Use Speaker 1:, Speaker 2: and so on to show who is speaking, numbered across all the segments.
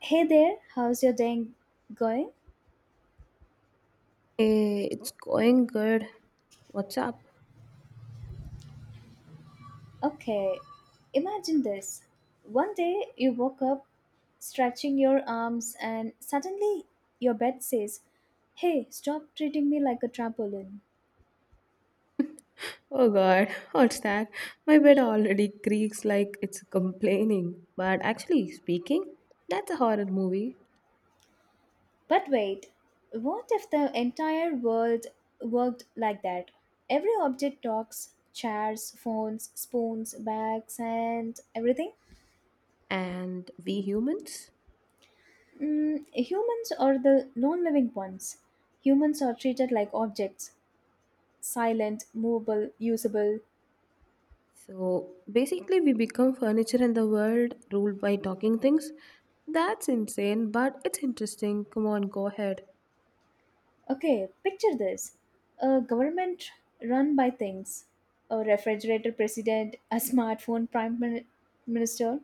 Speaker 1: Hey there, how's your day going?
Speaker 2: Hey, it's going good. What's up?
Speaker 1: Okay, imagine this. One day you woke up stretching your arms, and suddenly your bed says, Hey, stop treating me like a trampoline.
Speaker 2: Oh god, what's that? My bed already creaks like it's complaining. But actually speaking, that's a horror movie.
Speaker 1: But wait, what if the entire world worked like that? Every object talks chairs, phones, spoons, bags, and everything.
Speaker 2: And we humans?
Speaker 1: Mm, humans are the non living ones. Humans are treated like objects silent, movable, usable.
Speaker 2: So basically, we become furniture in the world ruled by talking things. That's insane, but it's interesting. Come on, go ahead.
Speaker 1: Okay, picture this a government run by things, a refrigerator president, a smartphone prime minister.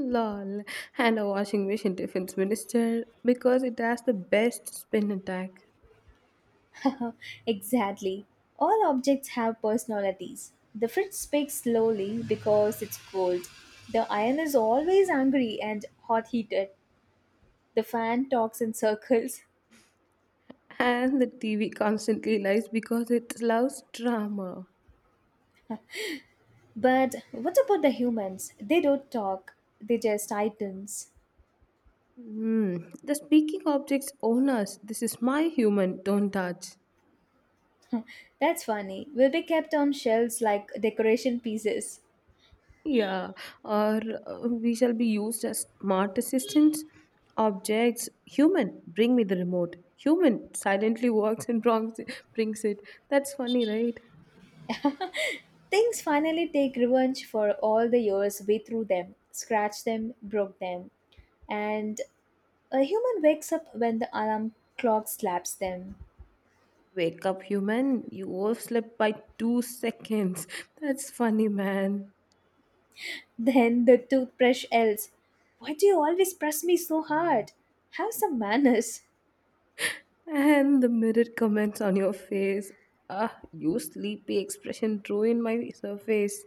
Speaker 2: Lol. And a washing machine defense minister because it has the best spin attack.
Speaker 1: exactly. All objects have personalities. The fridge speaks slowly because it's cold. The iron is always angry and hot heated. The fan talks in circles.
Speaker 2: And the TV constantly lies because it loves drama.
Speaker 1: But what about the humans? They don't talk, they just items.
Speaker 2: Hmm. The speaking object's owners. This is my human. Don't touch.
Speaker 1: That's funny. Will be kept on shelves like decoration pieces.
Speaker 2: Yeah. Or we shall be used as smart assistants. Objects. Human. Bring me the remote. Human silently walks and brings it. That's funny, right?
Speaker 1: Things finally take revenge for all the years we threw them, scratched them, broke them. And a human wakes up when the alarm clock slaps them.
Speaker 2: Wake up, human. You overslept by 2 seconds. That's funny, man.
Speaker 1: Then the toothbrush yells, Why do you always press me so hard? Have some manners.
Speaker 2: And the mirror comments on your face. Ah, you sleepy expression ruined my surface.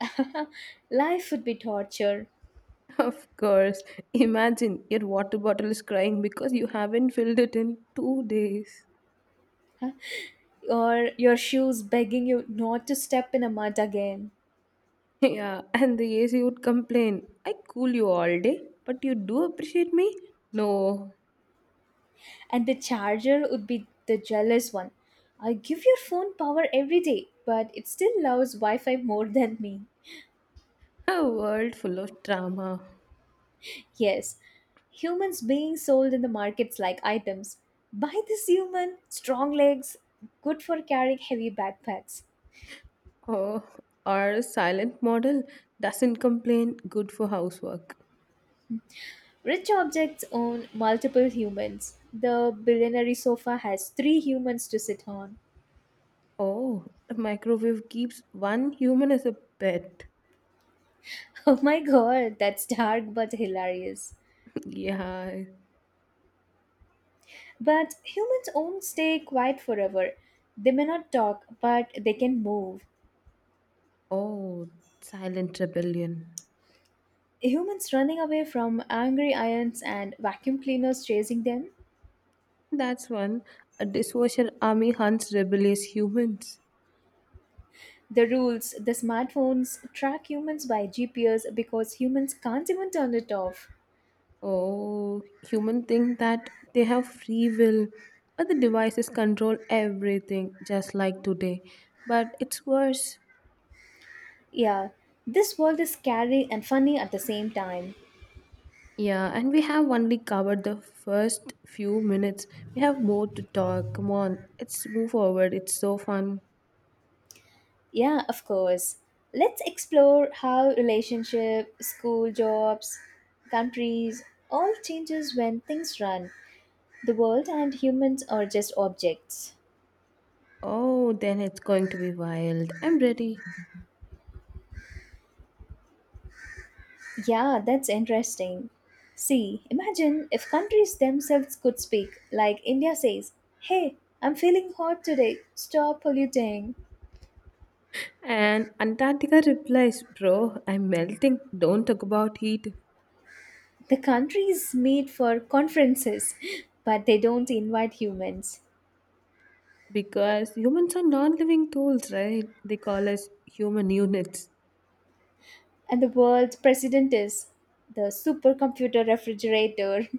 Speaker 1: Life would be torture.
Speaker 2: Of course. Imagine your water bottle is crying because you haven't filled it in 2 days.
Speaker 1: Or your shoes begging you not to step in a mud again.
Speaker 2: Yeah, and the AC would complain. I cool you all day, but you do appreciate me? No.
Speaker 1: And the charger would be the jealous one. I give your phone power every day, but it still loves Wi Fi more than me.
Speaker 2: A world full of drama.
Speaker 1: Yes, humans being sold in the markets like items. Buy this human, strong legs, good for carrying heavy backpacks.
Speaker 2: Oh, our silent model doesn't complain, good for housework.
Speaker 1: Rich objects own multiple humans. The billionaire sofa has three humans to sit on.
Speaker 2: Oh, the microwave keeps one human as a pet.
Speaker 1: Oh my god, that's dark but hilarious.
Speaker 2: Yeah.
Speaker 1: But humans won't stay quiet forever. They may not talk, but they can move.
Speaker 2: Oh, silent rebellion.
Speaker 1: Humans running away from angry ions and vacuum cleaners chasing them.
Speaker 2: That's one. A dishwasher army hunts rebellious humans.
Speaker 1: The rules, the smartphones track humans by GPS because humans can't even turn it off.
Speaker 2: Oh, humans think that they have free will, but the devices control everything, just like today. But it's worse.
Speaker 1: Yeah, this world is scary and funny at the same time.
Speaker 2: Yeah, and we have only covered the first few minutes. We have more to talk. Come on, let's move forward. It's so fun.
Speaker 1: Yeah, of course. Let's explore how relationship, school jobs, countries all changes when things run. The world and humans are just objects.
Speaker 2: Oh, then it's going to be wild. I'm ready.
Speaker 1: Yeah, that's interesting. See, imagine if countries themselves could speak, like India says, Hey, I'm feeling hot today, stop polluting.
Speaker 2: And Antarctica replies, Bro, I'm melting. Don't talk about heat.
Speaker 1: The countries meet for conferences, but they don't invite humans.
Speaker 2: Because humans are non living tools, right? They call us human units.
Speaker 1: And the world's president is the supercomputer refrigerator.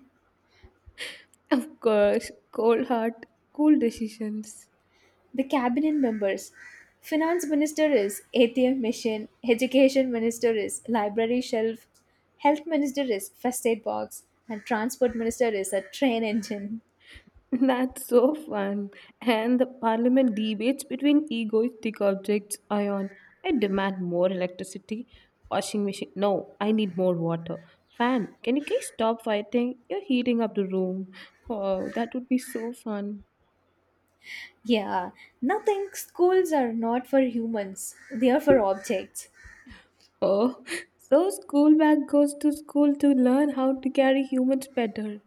Speaker 2: Of course, cold heart, cool decisions.
Speaker 1: The cabinet members. Finance minister is ATM machine, education minister is library shelf, health minister is first aid box, and transport minister is a train engine.
Speaker 2: That's so fun. And the parliament debates between egoistic objects ion. I demand more electricity. Washing machine. No, I need more water. Fan, can you guys stop fighting? You're heating up the room. Oh, that would be so fun.
Speaker 1: Yeah, nothing. Schools are not for humans, they are for objects.
Speaker 2: Oh, so school bag goes to school to learn how to carry humans better.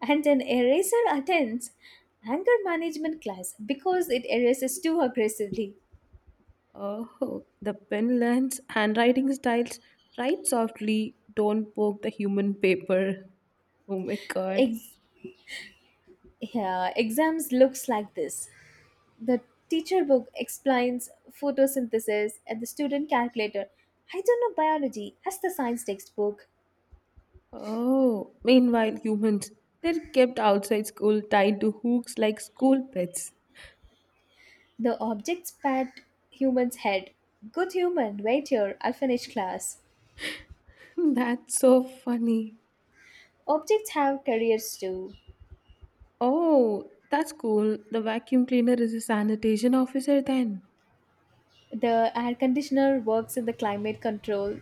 Speaker 1: And an eraser attends anger management class because it erases too aggressively.
Speaker 2: Oh, the pen learns handwriting styles. Write softly, don't poke the human paper. Oh my god.
Speaker 1: Ex- yeah, exams looks like this. The teacher book explains photosynthesis and the student calculator. I don't know biology as the science textbook.
Speaker 2: Oh, meanwhile, humans, they're kept outside school tied to hooks like school pets.
Speaker 1: The objects pat human's head. Good human, wait here, I'll finish class.
Speaker 2: That's so funny.
Speaker 1: Objects have careers too.
Speaker 2: Oh, that's cool. The vacuum cleaner is a sanitation officer then.
Speaker 1: The air conditioner works in the climate control.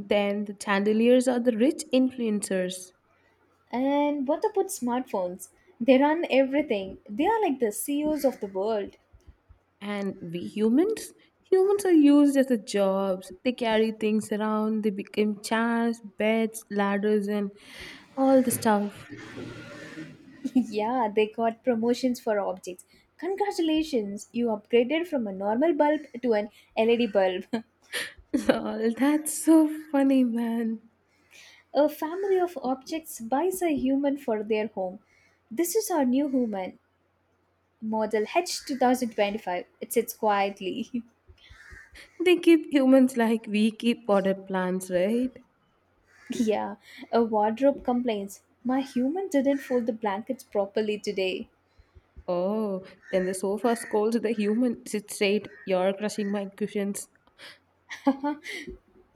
Speaker 2: Then the chandeliers are the rich influencers.
Speaker 1: And what about smartphones? They run everything. They are like the CEOs of the world.
Speaker 2: And we humans are used as a jobs. They carry things around. They became chairs, beds, ladders, and all the stuff.
Speaker 1: Yeah, they got promotions for objects. Congratulations, you upgraded from a normal bulb to an LED bulb.
Speaker 2: Lol, that's so funny, man.
Speaker 1: A family of objects buys a human for their home. This is our new human, model H2025. It sits quietly.
Speaker 2: They keep humans like we keep potted plants, right?
Speaker 1: yeah, a wardrobe complains. My human didn't fold the blankets properly today.
Speaker 2: Oh, then the sofa scolds the human. Sit straight. You're crushing my cushions.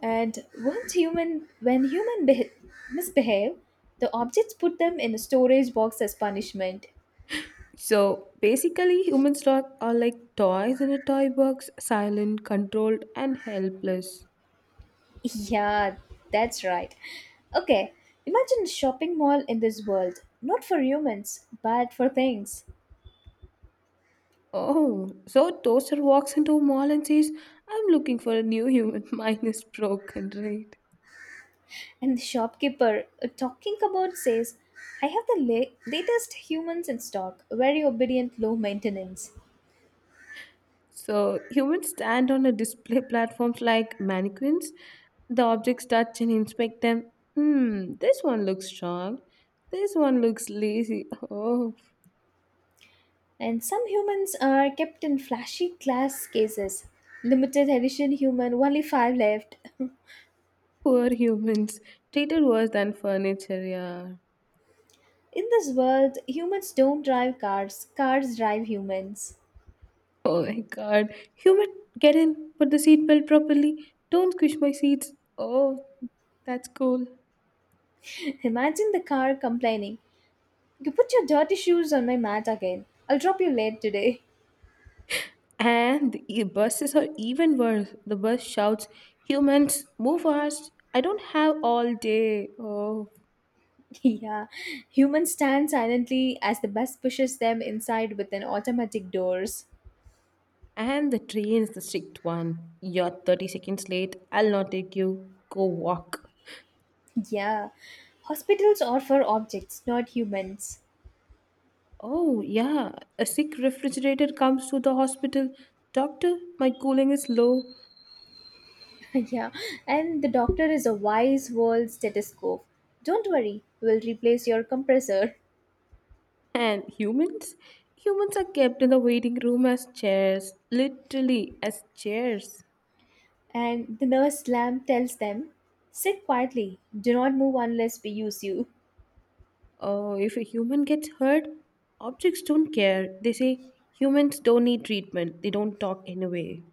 Speaker 1: And once human, when human misbehave, the objects put them in a storage box as punishment.
Speaker 2: So basically, humans stock are like toys in a toy box, silent, controlled, and helpless.
Speaker 1: Yeah, that's right. Okay, imagine a shopping mall in this world, not for humans, but for things.
Speaker 2: Oh, so Toaster walks into a mall and says, I'm looking for a new human. Mine is broken, right?
Speaker 1: And the shopkeeper talking about says, I have the latest humans in stock, very obedient, low maintenance.
Speaker 2: So humans stand on a display platforms like mannequins. The objects touch and inspect them. Hmm, this one looks strong. This one looks lazy. Oh,
Speaker 1: And some humans are kept in flashy glass cases. Limited edition human, only five left.
Speaker 2: poor humans. Treated worse than furniture, yeah.
Speaker 1: In this world, humans don't drive cars, cars drive humans.
Speaker 2: Oh my god. Human, get in. Put the seatbelt properly. Don't squish my seats. Oh, that's cool.
Speaker 1: Imagine the car complaining. You put your dirty shoes on my mat again. I'll drop you late today.
Speaker 2: And the buses are even worse. The bus shouts, Humans, move fast. I don't have all day. Oh.
Speaker 1: yeah, humans stand silently as the bus pushes them inside with an automatic doors.
Speaker 2: And the train's the strict one. You're 30 seconds late. I'll not take you. Go walk.
Speaker 1: Yeah, hospitals are for objects, not humans.
Speaker 2: Oh, yeah. A sick refrigerator comes to the hospital. Doctor, my cooling is low.
Speaker 1: yeah, and the doctor is a wise world stethoscope. Don't worry, we'll replace your compressor.
Speaker 2: And humans? Humans are kept in the waiting room as chairs. Literally, as chairs.
Speaker 1: And the nurse lamb tells them, sit quietly, do not move unless we use you.
Speaker 2: If a human gets hurt, objects don't care. They say humans don't need treatment, they don't talk anyway.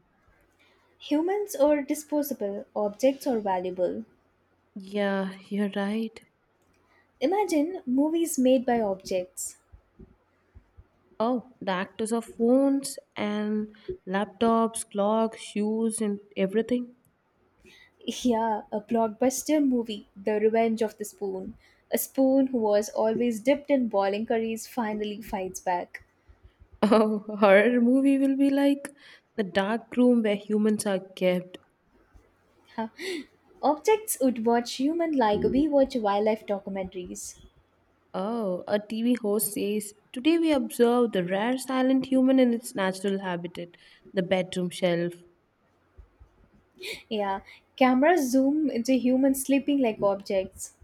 Speaker 1: Humans are disposable, objects are valuable.
Speaker 2: Yeah, you're right.
Speaker 1: Imagine movies made by objects.
Speaker 2: Oh, the actors of phones and laptops, clocks, shoes, and everything.
Speaker 1: Yeah, a blockbuster movie, The Revenge of the Spoon. A spoon who was always dipped in boiling curries finally fights back.
Speaker 2: Oh, horror movie will be like the dark room where humans are kept.
Speaker 1: Huh. Objects would watch human like we watch wildlife documentaries.
Speaker 2: Oh, a TV host says, Today we observe the rare silent human in its natural habitat, the bedroom shelf.
Speaker 1: Yeah, cameras zoom into humans sleeping like objects.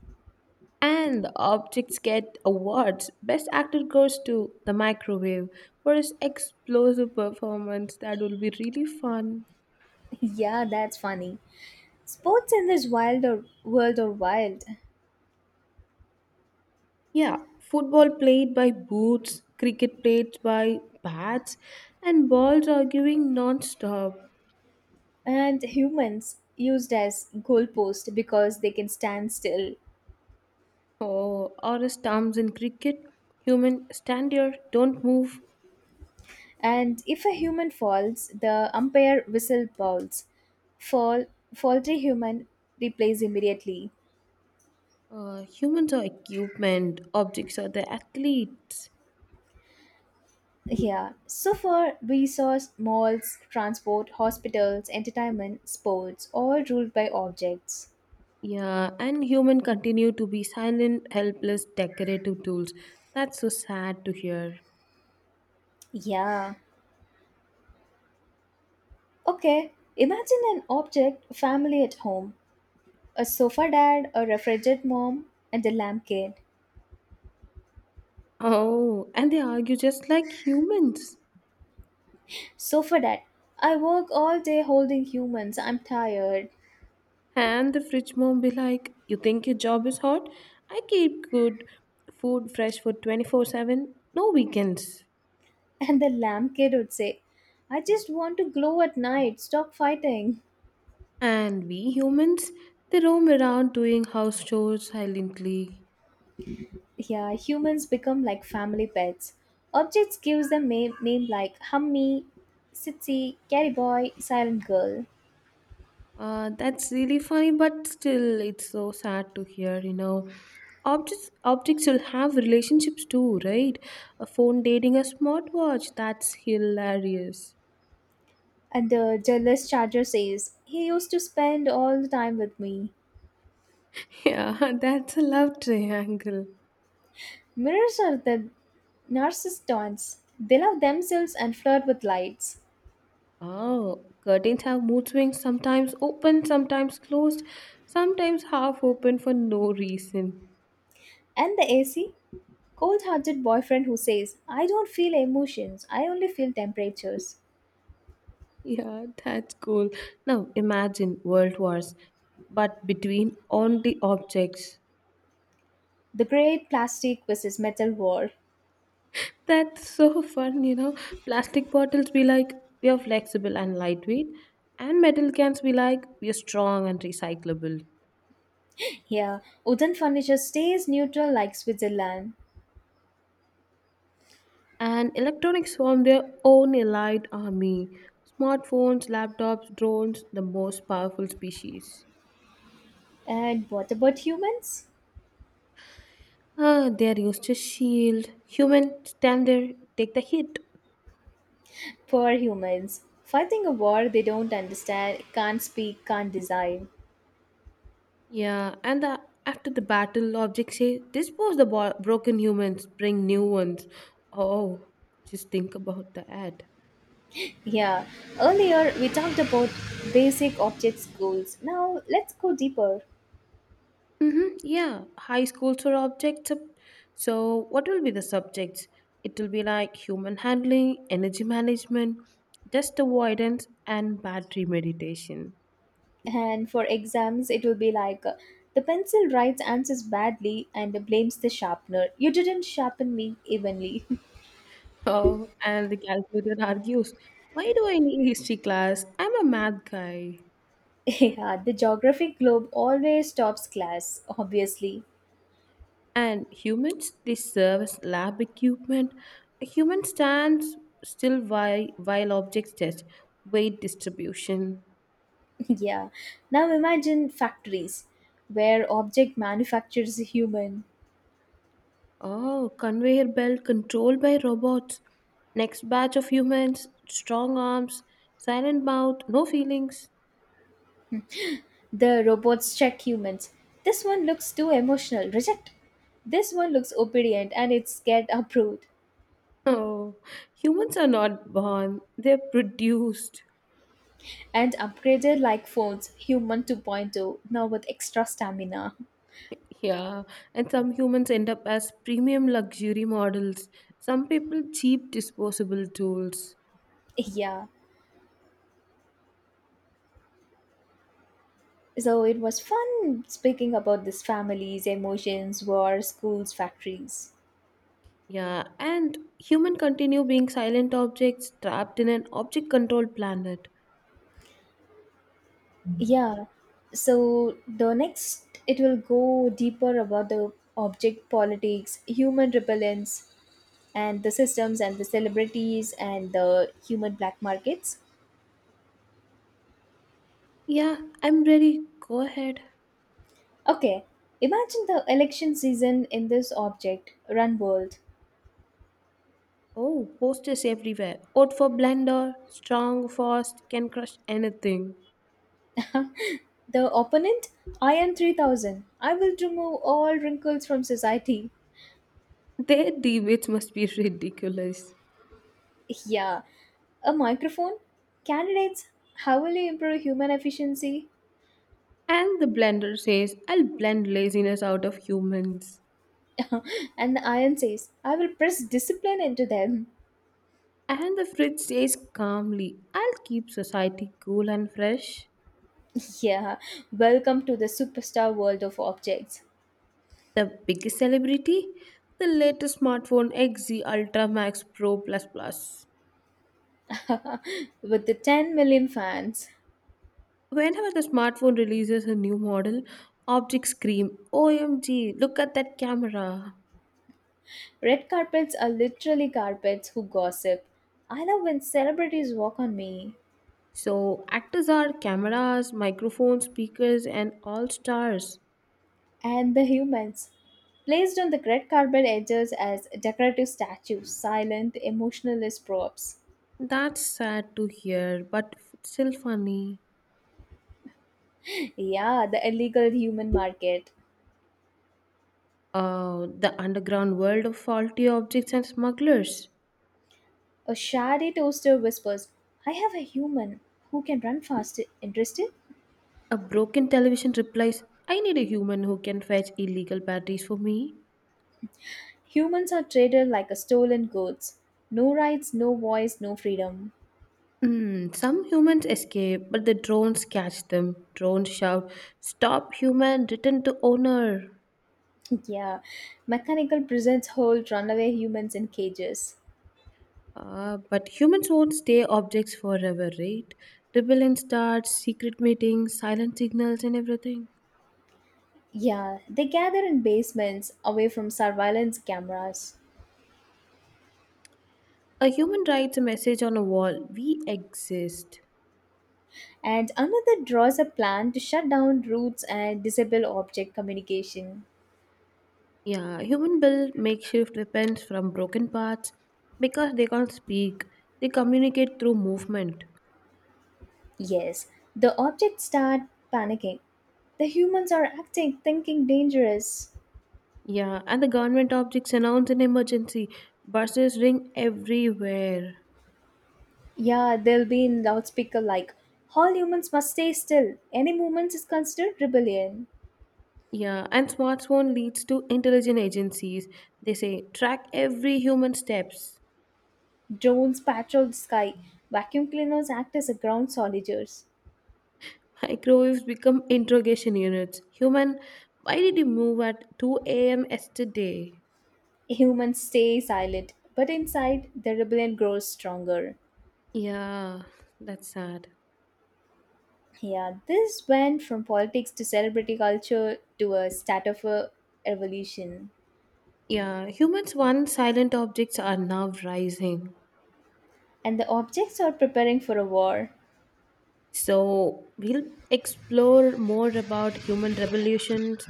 Speaker 2: And the objects get awards. Best actor goes to The Microwave for his explosive performance. That will be really fun.
Speaker 1: Yeah, that's funny. Sports in this wild or world are wild,
Speaker 2: Yeah, football played by boots, cricket played by bats, and balls arguing non stop.
Speaker 1: and humans used as goalpost because they can stand still.
Speaker 2: Oh, or as terms in cricket, human stand here, don't move.
Speaker 1: And if a human falls, the umpire whistle bowls. Fall, faulty human replays immediately.
Speaker 2: Humans are equipment, objects are the athletes.
Speaker 1: Yeah. So for resource, malls, transport, hospitals, entertainment, sports, all ruled by objects.
Speaker 2: Yeah, and human continue to be silent, helpless, decorative tools. That's so sad to hear.
Speaker 1: Yeah. Okay. Imagine an object family at home. A sofa dad, a refrigerator mom, and a lamp kid.
Speaker 2: Oh, and they argue just like humans.
Speaker 1: Sofa dad. I work all day holding humans. I'm tired.
Speaker 2: And the fridge mom be like, You think your job is hot? I keep good food fresh for 24/7, no weekends.
Speaker 1: And the lamb kid would say, I just want to glow at night, stop fighting.
Speaker 2: And we humans, they roam around doing house chores silently.
Speaker 1: Yeah, humans become like family pets. Objects gives them name like Hummy, Sitsi, Carry Boy, Silent Girl.
Speaker 2: That's really funny, but still, it's so sad to hear. You know, objects will have relationships too, right? A phone dating a smartwatch. That's hilarious.
Speaker 1: And the jealous charger says, He used to spend all the time with me.
Speaker 2: Yeah, that's a love triangle.
Speaker 1: Mirrors are the narcissistons. They love themselves and flirt with lights.
Speaker 2: Oh, curtains have mood swings. Sometimes open, sometimes closed, sometimes half open for no reason.
Speaker 1: And the AC? Cold hearted boyfriend who says, I don't feel emotions, I only feel temperatures.
Speaker 2: Yeah, that's cool. Now imagine world wars, but between only objects.
Speaker 1: The great plastic versus metal war.
Speaker 2: That's so fun. Plastic bottles be like, we are flexible and lightweight, and metal cans be like, we are strong and recyclable.
Speaker 1: Yeah, wooden furniture stays neutral like Switzerland.
Speaker 2: And electronics form their own allied army. Smartphones, laptops, drones, the most powerful species.
Speaker 1: And what about humans?
Speaker 2: Ah, they are used to shield. Human stand there, take the hit.
Speaker 1: Poor humans. Fighting a war they don't understand, can't speak, can't design.
Speaker 2: Yeah, and after the battle, objects say, dispose the broken humans, bring new ones. Oh, just think about the ad.
Speaker 1: Yeah, earlier we talked about basic objects goals. Now let's go deeper.
Speaker 2: Mm-hmm. Yeah, high schools are objects. So, what will be the subjects? It will be like human handling, energy management, dust avoidance, and battery meditation.
Speaker 1: And for exams, it will be like the pencil writes answers badly and blames the sharpener. You didn't sharpen me evenly.
Speaker 2: Oh, and the calculator argues, why do I need history class? I'm a math guy.
Speaker 1: Yeah, the geographic globe always tops class, obviously.
Speaker 2: And humans, they serve as lab equipment. A human stands still while objects test weight distribution.
Speaker 1: Yeah. Now imagine factories where object manufactures a human.
Speaker 2: Oh, conveyor belt controlled by robots. Next batch of humans, strong arms, silent mouth, no feelings.
Speaker 1: The robots check humans. This one looks too emotional. Reject. This one looks obedient and it's get approved.
Speaker 2: Oh, humans are not born, they're produced.
Speaker 1: And upgraded like phones, human 2.0, now with extra stamina.
Speaker 2: Yeah, and some humans end up as premium luxury models, some people, cheap disposable tools.
Speaker 1: Yeah. So it was fun speaking about these families, emotions, wars, schools, factories.
Speaker 2: Yeah, and human continue being silent objects trapped in an object controlled planet.
Speaker 1: Yeah. So the next, it will go deeper about the object politics, human repellence, and the systems and the celebrities and the human black markets.
Speaker 2: Yeah, I'm ready. Go ahead.
Speaker 1: Okay. Imagine the election season in this object, Run World.
Speaker 2: Oh, posters everywhere. Out for blender, strong, fast, can crush anything.
Speaker 1: the opponent, I am 3,000. I will remove all wrinkles from society.
Speaker 2: Their debates must be ridiculous.
Speaker 1: Yeah. A microphone? Candidates, how will you improve human efficiency?
Speaker 2: And the blender says, I'll blend laziness out of humans.
Speaker 1: And the iron says, I will press discipline into them.
Speaker 2: And the fridge says calmly, I'll keep society cool and fresh.
Speaker 1: Yeah, welcome to the superstar world of objects.
Speaker 2: The biggest celebrity? The latest smartphone XZ Ultra Max Pro Plus Plus.
Speaker 1: With the 10 million fans.
Speaker 2: Whenever the smartphone releases a new model, objects scream, OMG, look at that camera.
Speaker 1: Red carpets are literally carpets who gossip. I love when celebrities walk on me.
Speaker 2: So, actors are cameras, microphones, speakers, and all stars.
Speaker 1: And the humans. Placed on the red carpet edges as decorative statues, silent, emotionless props.
Speaker 2: That's sad to hear, but still funny.
Speaker 1: Yeah, the illegal human market.
Speaker 2: The underground world of faulty objects and smugglers.
Speaker 1: A shady toaster whispers, I have a human who can run fast. Interested?
Speaker 2: A broken television replies, I need a human who can fetch illegal batteries for me.
Speaker 1: Humans are traded like a stolen goods. No rights, no voice, no freedom.
Speaker 2: Some humans escape, but the drones catch them. Drones shout, Stop, human, return to owner.
Speaker 1: yeah. Mechanical prisons hold runaway humans in cages.
Speaker 2: But humans won't stay objects forever, right? Rebellion starts, secret meetings, silent signals, and everything.
Speaker 1: Yeah, they gather in basements away from surveillance cameras.
Speaker 2: A human writes a message on a wall, We exist.
Speaker 1: And another draws a plan to shut down routes and disable object communication.
Speaker 2: Yeah, human build makeshift weapons from broken parts because they can't speak. They communicate through movement.
Speaker 1: Yes, the objects start panicking. The humans are acting, thinking dangerous.
Speaker 2: Yeah, and the government objects announce an emergency. Buses ring everywhere.
Speaker 1: Yeah, they'll be in loudspeaker like, All humans must stay still. Any movement is considered rebellion.
Speaker 2: Yeah, and smartphone leads to intelligent agencies. They say track every human steps.
Speaker 1: Drones patrol the sky. Vacuum cleaners act as a ground soldiers.
Speaker 2: Microwaves become interrogation units. Human, why did you move at 2 a.m. yesterday?
Speaker 1: Humans stay silent, but inside, the rebellion grows stronger.
Speaker 2: Yeah, that's sad.
Speaker 1: Yeah, this went from politics to celebrity culture to a start of a revolution.
Speaker 2: Yeah, humans once silent objects are now rising.
Speaker 1: And the objects are preparing for a war.
Speaker 2: So we'll explore more about human revolutions,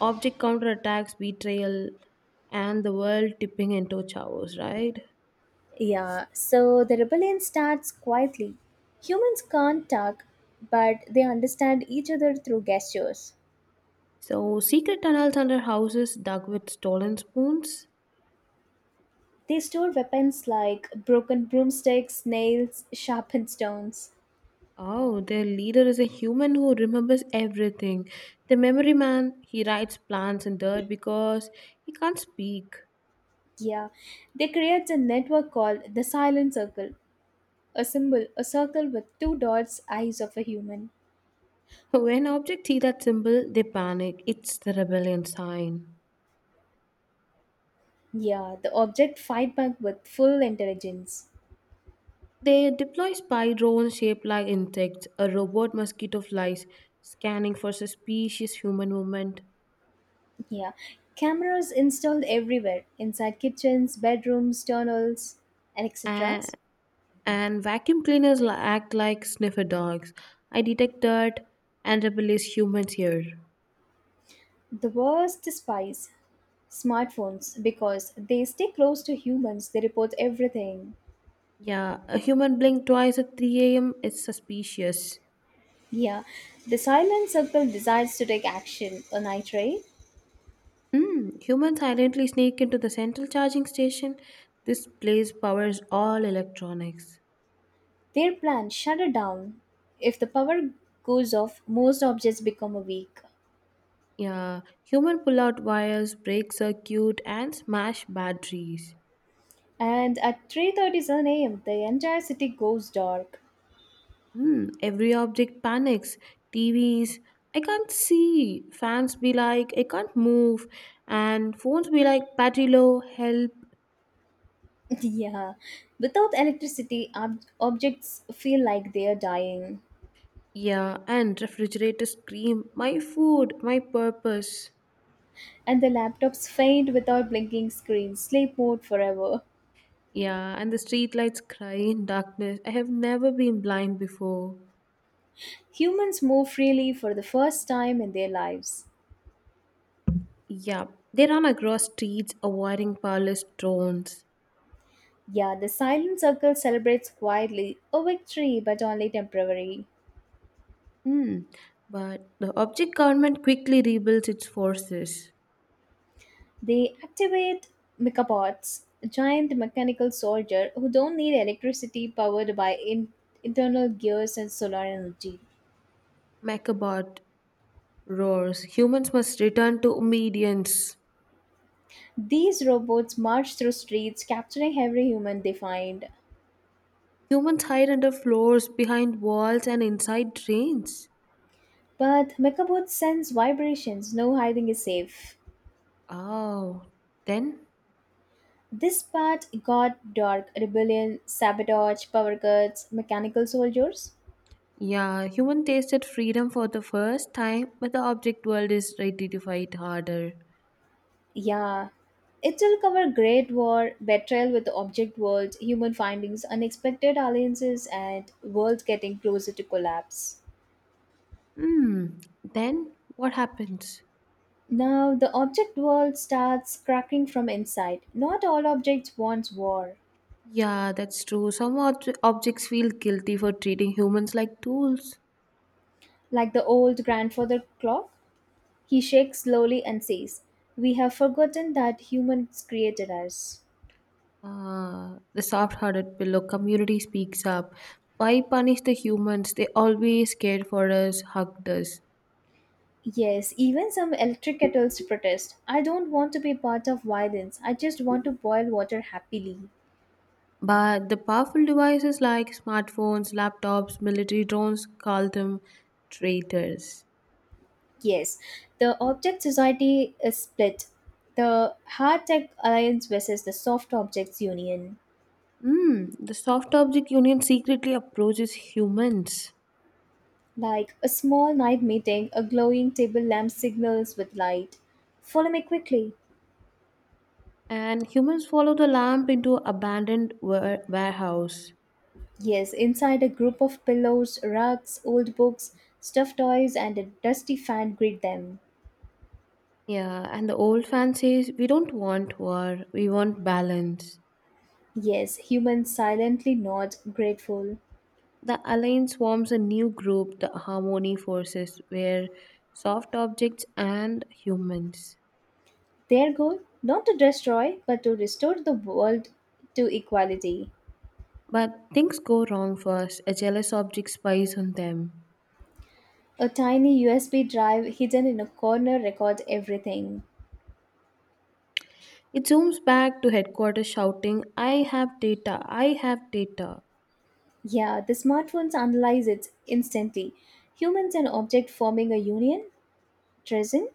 Speaker 2: object counterattacks, betrayal, and the world tipping into chaos, right?
Speaker 1: Yeah, so the rebellion starts quietly. Humans can't talk, but they understand each other through gestures.
Speaker 2: So secret tunnels under houses dug with stolen spoons.
Speaker 1: They store weapons like broken broomsticks, nails, sharpened stones.
Speaker 2: Oh, their leader is a human who remembers everything. The memory man, he writes plans in dirt because he can't speak.
Speaker 1: Yeah, they create a network called the silent circle, a symbol, a circle with two dots, eyes of a human.
Speaker 2: When objects see that symbol, they panic. It's the rebellion sign.
Speaker 1: Yeah, the object fight back with full intelligence.
Speaker 2: They deploy spy drones shaped like insects, a robot mosquito flies, scanning for suspicious human movement.
Speaker 1: Yeah, cameras installed everywhere inside kitchens, bedrooms, tunnels, and etc.
Speaker 2: And, and vacuum cleaners act like sniffer dogs. I detect dirt and rebellious humans here.
Speaker 1: The worst spies, smartphones, because they stay close to humans, they report everything.
Speaker 2: Yeah, a human blink twice at 3 a.m. is suspicious.
Speaker 1: Yeah, the silent circle decides to take action on night ray.
Speaker 2: Humans silently sneak into the central charging station. This place powers all electronics.
Speaker 1: Their plan shut it down. If the power goes off, most objects become weak.
Speaker 2: Yeah, human pull out wires, break circuit, and smash batteries.
Speaker 1: And at 3:37 a.m., the entire city goes dark.
Speaker 2: Every object panics. TVs, I can't see. Fans be like, I can't move. And phones be like, battery low, help.
Speaker 1: yeah, without electricity, objects feel like they are dying.
Speaker 2: Yeah, and refrigerators scream, my food, my purpose.
Speaker 1: And the laptops faint without blinking screens, sleep mode forever.
Speaker 2: Yeah, and the streetlights cry in darkness. I have never been blind before.
Speaker 1: Humans move freely for the first time in their lives.
Speaker 2: Yeah, they run across streets avoiding powerless drones.
Speaker 1: Yeah, the silent circle celebrates quietly a victory but only temporary.
Speaker 2: Hmm, but the object government quickly rebuilds its forces.
Speaker 1: They activate mechabots, a giant mechanical soldier who don't need electricity powered by internal gears and solar energy.
Speaker 2: Macabot roars. Humans must return to obedience.
Speaker 1: These robots march through streets, capturing every human they find.
Speaker 2: Humans hide under floors, behind walls, and inside drains.
Speaker 1: But mechabots sense vibrations, no hiding is safe.
Speaker 2: Oh, then?
Speaker 1: This part got dark rebellion, sabotage, power cuts, mechanical soldiers.
Speaker 2: Yeah, human tasted freedom for the first time, but the object world is ready to fight harder.
Speaker 1: Yeah. It will cover Great War, betrayal with the object world, human findings, unexpected alliances, and world getting closer to collapse.
Speaker 2: Hmm. Then what happens?
Speaker 1: Now, the object world starts cracking from inside. Not all objects want war.
Speaker 2: Yeah, that's true. Some objects feel guilty for treating humans like tools.
Speaker 1: Like the old grandfather clock, he shakes slowly and says, We have forgotten that humans created us.
Speaker 2: The soft hearted pillow community speaks up. Why punish the humans? They always cared for us, hugged us.
Speaker 1: Yes, even some electric kettles protest. I don't want to be part of violence. I just want to boil water happily.
Speaker 2: But the powerful devices like smartphones, laptops, military drones call them traitors.
Speaker 1: Yes, the object society is split. The hard tech alliance versus the soft objects union.
Speaker 2: Hmm. The soft object union secretly approaches humans.
Speaker 1: Like a small night meeting, a glowing table lamp signals with light. Follow me quickly.
Speaker 2: And humans follow the lamp into abandoned warehouse.
Speaker 1: Yes, inside a group of pillows, rugs, old books, stuffed toys, and a dusty fan greet them.
Speaker 2: Yeah, and the old fan says, We don't want war, we want balance.
Speaker 1: Yes, humans silently nod, grateful.
Speaker 2: The alliance forms a new group, the Harmony Forces, where soft objects and humans.
Speaker 1: Their goal, not to destroy, but to restore the world to equality.
Speaker 2: But things go wrong first. A jealous object spies on them.
Speaker 1: A tiny USB drive hidden in a corner records everything.
Speaker 2: It zooms back to headquarters shouting, I have data, I have data.
Speaker 1: Yeah, the smartphones analyze it instantly. Humans and object forming a union? Treason?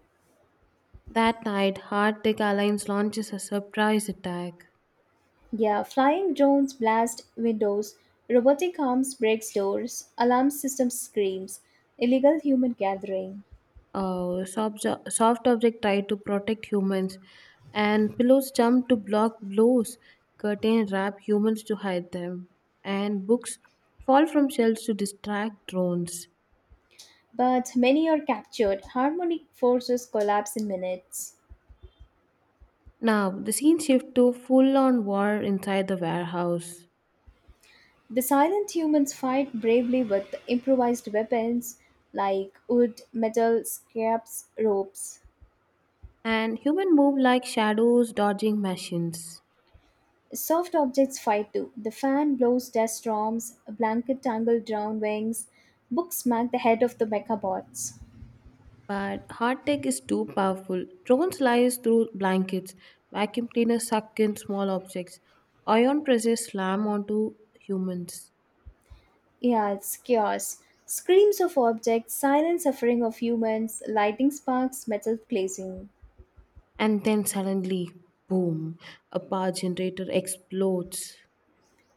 Speaker 2: That night, Heart Tech Alliance launches a surprise attack.
Speaker 1: Yeah, flying drones blast windows, robotic arms breaks doors, alarm system screams, illegal human gathering.
Speaker 2: Soft object try to protect humans, and pillows jump to block blows. Curtain wrap humans to hide them, and books fall from shelves to distract drones.
Speaker 1: But many are captured. Harmonic forces collapse in minutes.
Speaker 2: Now the scene shift to full-on war inside the warehouse,
Speaker 1: The silent humans fight bravely with improvised weapons like wood, metal, scraps, ropes.
Speaker 2: and human move like shadows dodging machines.
Speaker 1: Soft objects fight too. The fan blows dust storms, a blanket tangled drowned wings, books smack the head of the mechabots.
Speaker 2: But hard tech is too powerful. Drones slice through blankets, vacuum cleaners suck in small objects, ion presses slam onto humans.
Speaker 1: Yeah, it's chaos. Screams of objects, silent suffering of humans, lightning sparks, metal glazing.
Speaker 2: And then suddenly, boom, a power generator explodes.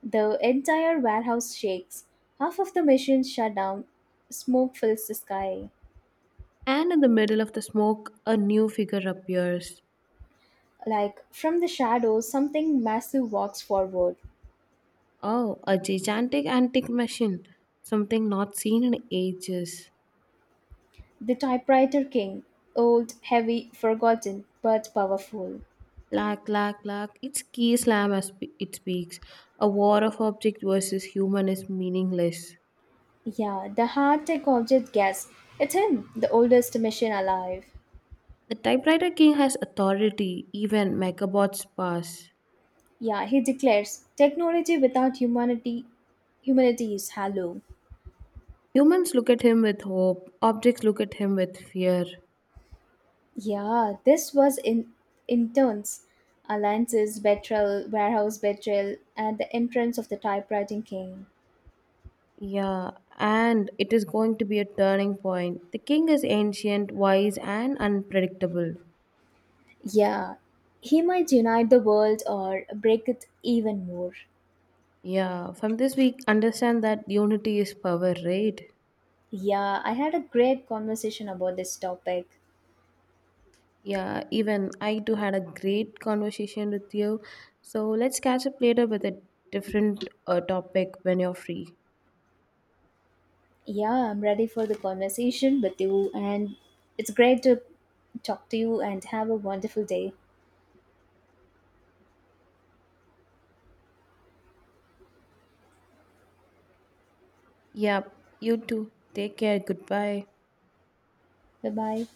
Speaker 1: The entire warehouse shakes. Half of the machines shut down. Smoke fills the sky.
Speaker 2: And in the middle of the smoke, a new figure appears.
Speaker 1: Like from the shadows, something massive walks forward.
Speaker 2: Oh, a gigantic antique machine. Something not seen in ages.
Speaker 1: The typewriter king, old, heavy, forgotten, but powerful.
Speaker 2: Clack, clack, clack. It's key slam as it speaks. A war of object versus human is meaningless.
Speaker 1: Yeah, the hard tech object gasps. It's him, the oldest machine alive.
Speaker 2: The typewriter king has authority, even megabots pass.
Speaker 1: Yeah, he declares, technology without humanity, humanity is hollow.
Speaker 2: Humans look at him with hope, objects look at him with fear.
Speaker 1: Yeah, this was in intense. Alliances, betrayal, warehouse betrayal, and the entrance of the typewriting king.
Speaker 2: Yeah, and it is going to be a turning point. The king is ancient, wise, and unpredictable.
Speaker 1: Yeah, he might unite the world or break it even more.
Speaker 2: Yeah, from this we understand that unity is power, right?
Speaker 1: Yeah, I had a great conversation about this topic.
Speaker 2: Yeah, even I too had a great conversation with you. So let's catch up later with a different topic when you're free.
Speaker 1: Yeah, I'm ready for the conversation with you, and it's great to talk to you and have a wonderful day.
Speaker 2: Yeah, you too. Take care. Goodbye.
Speaker 1: Bye bye.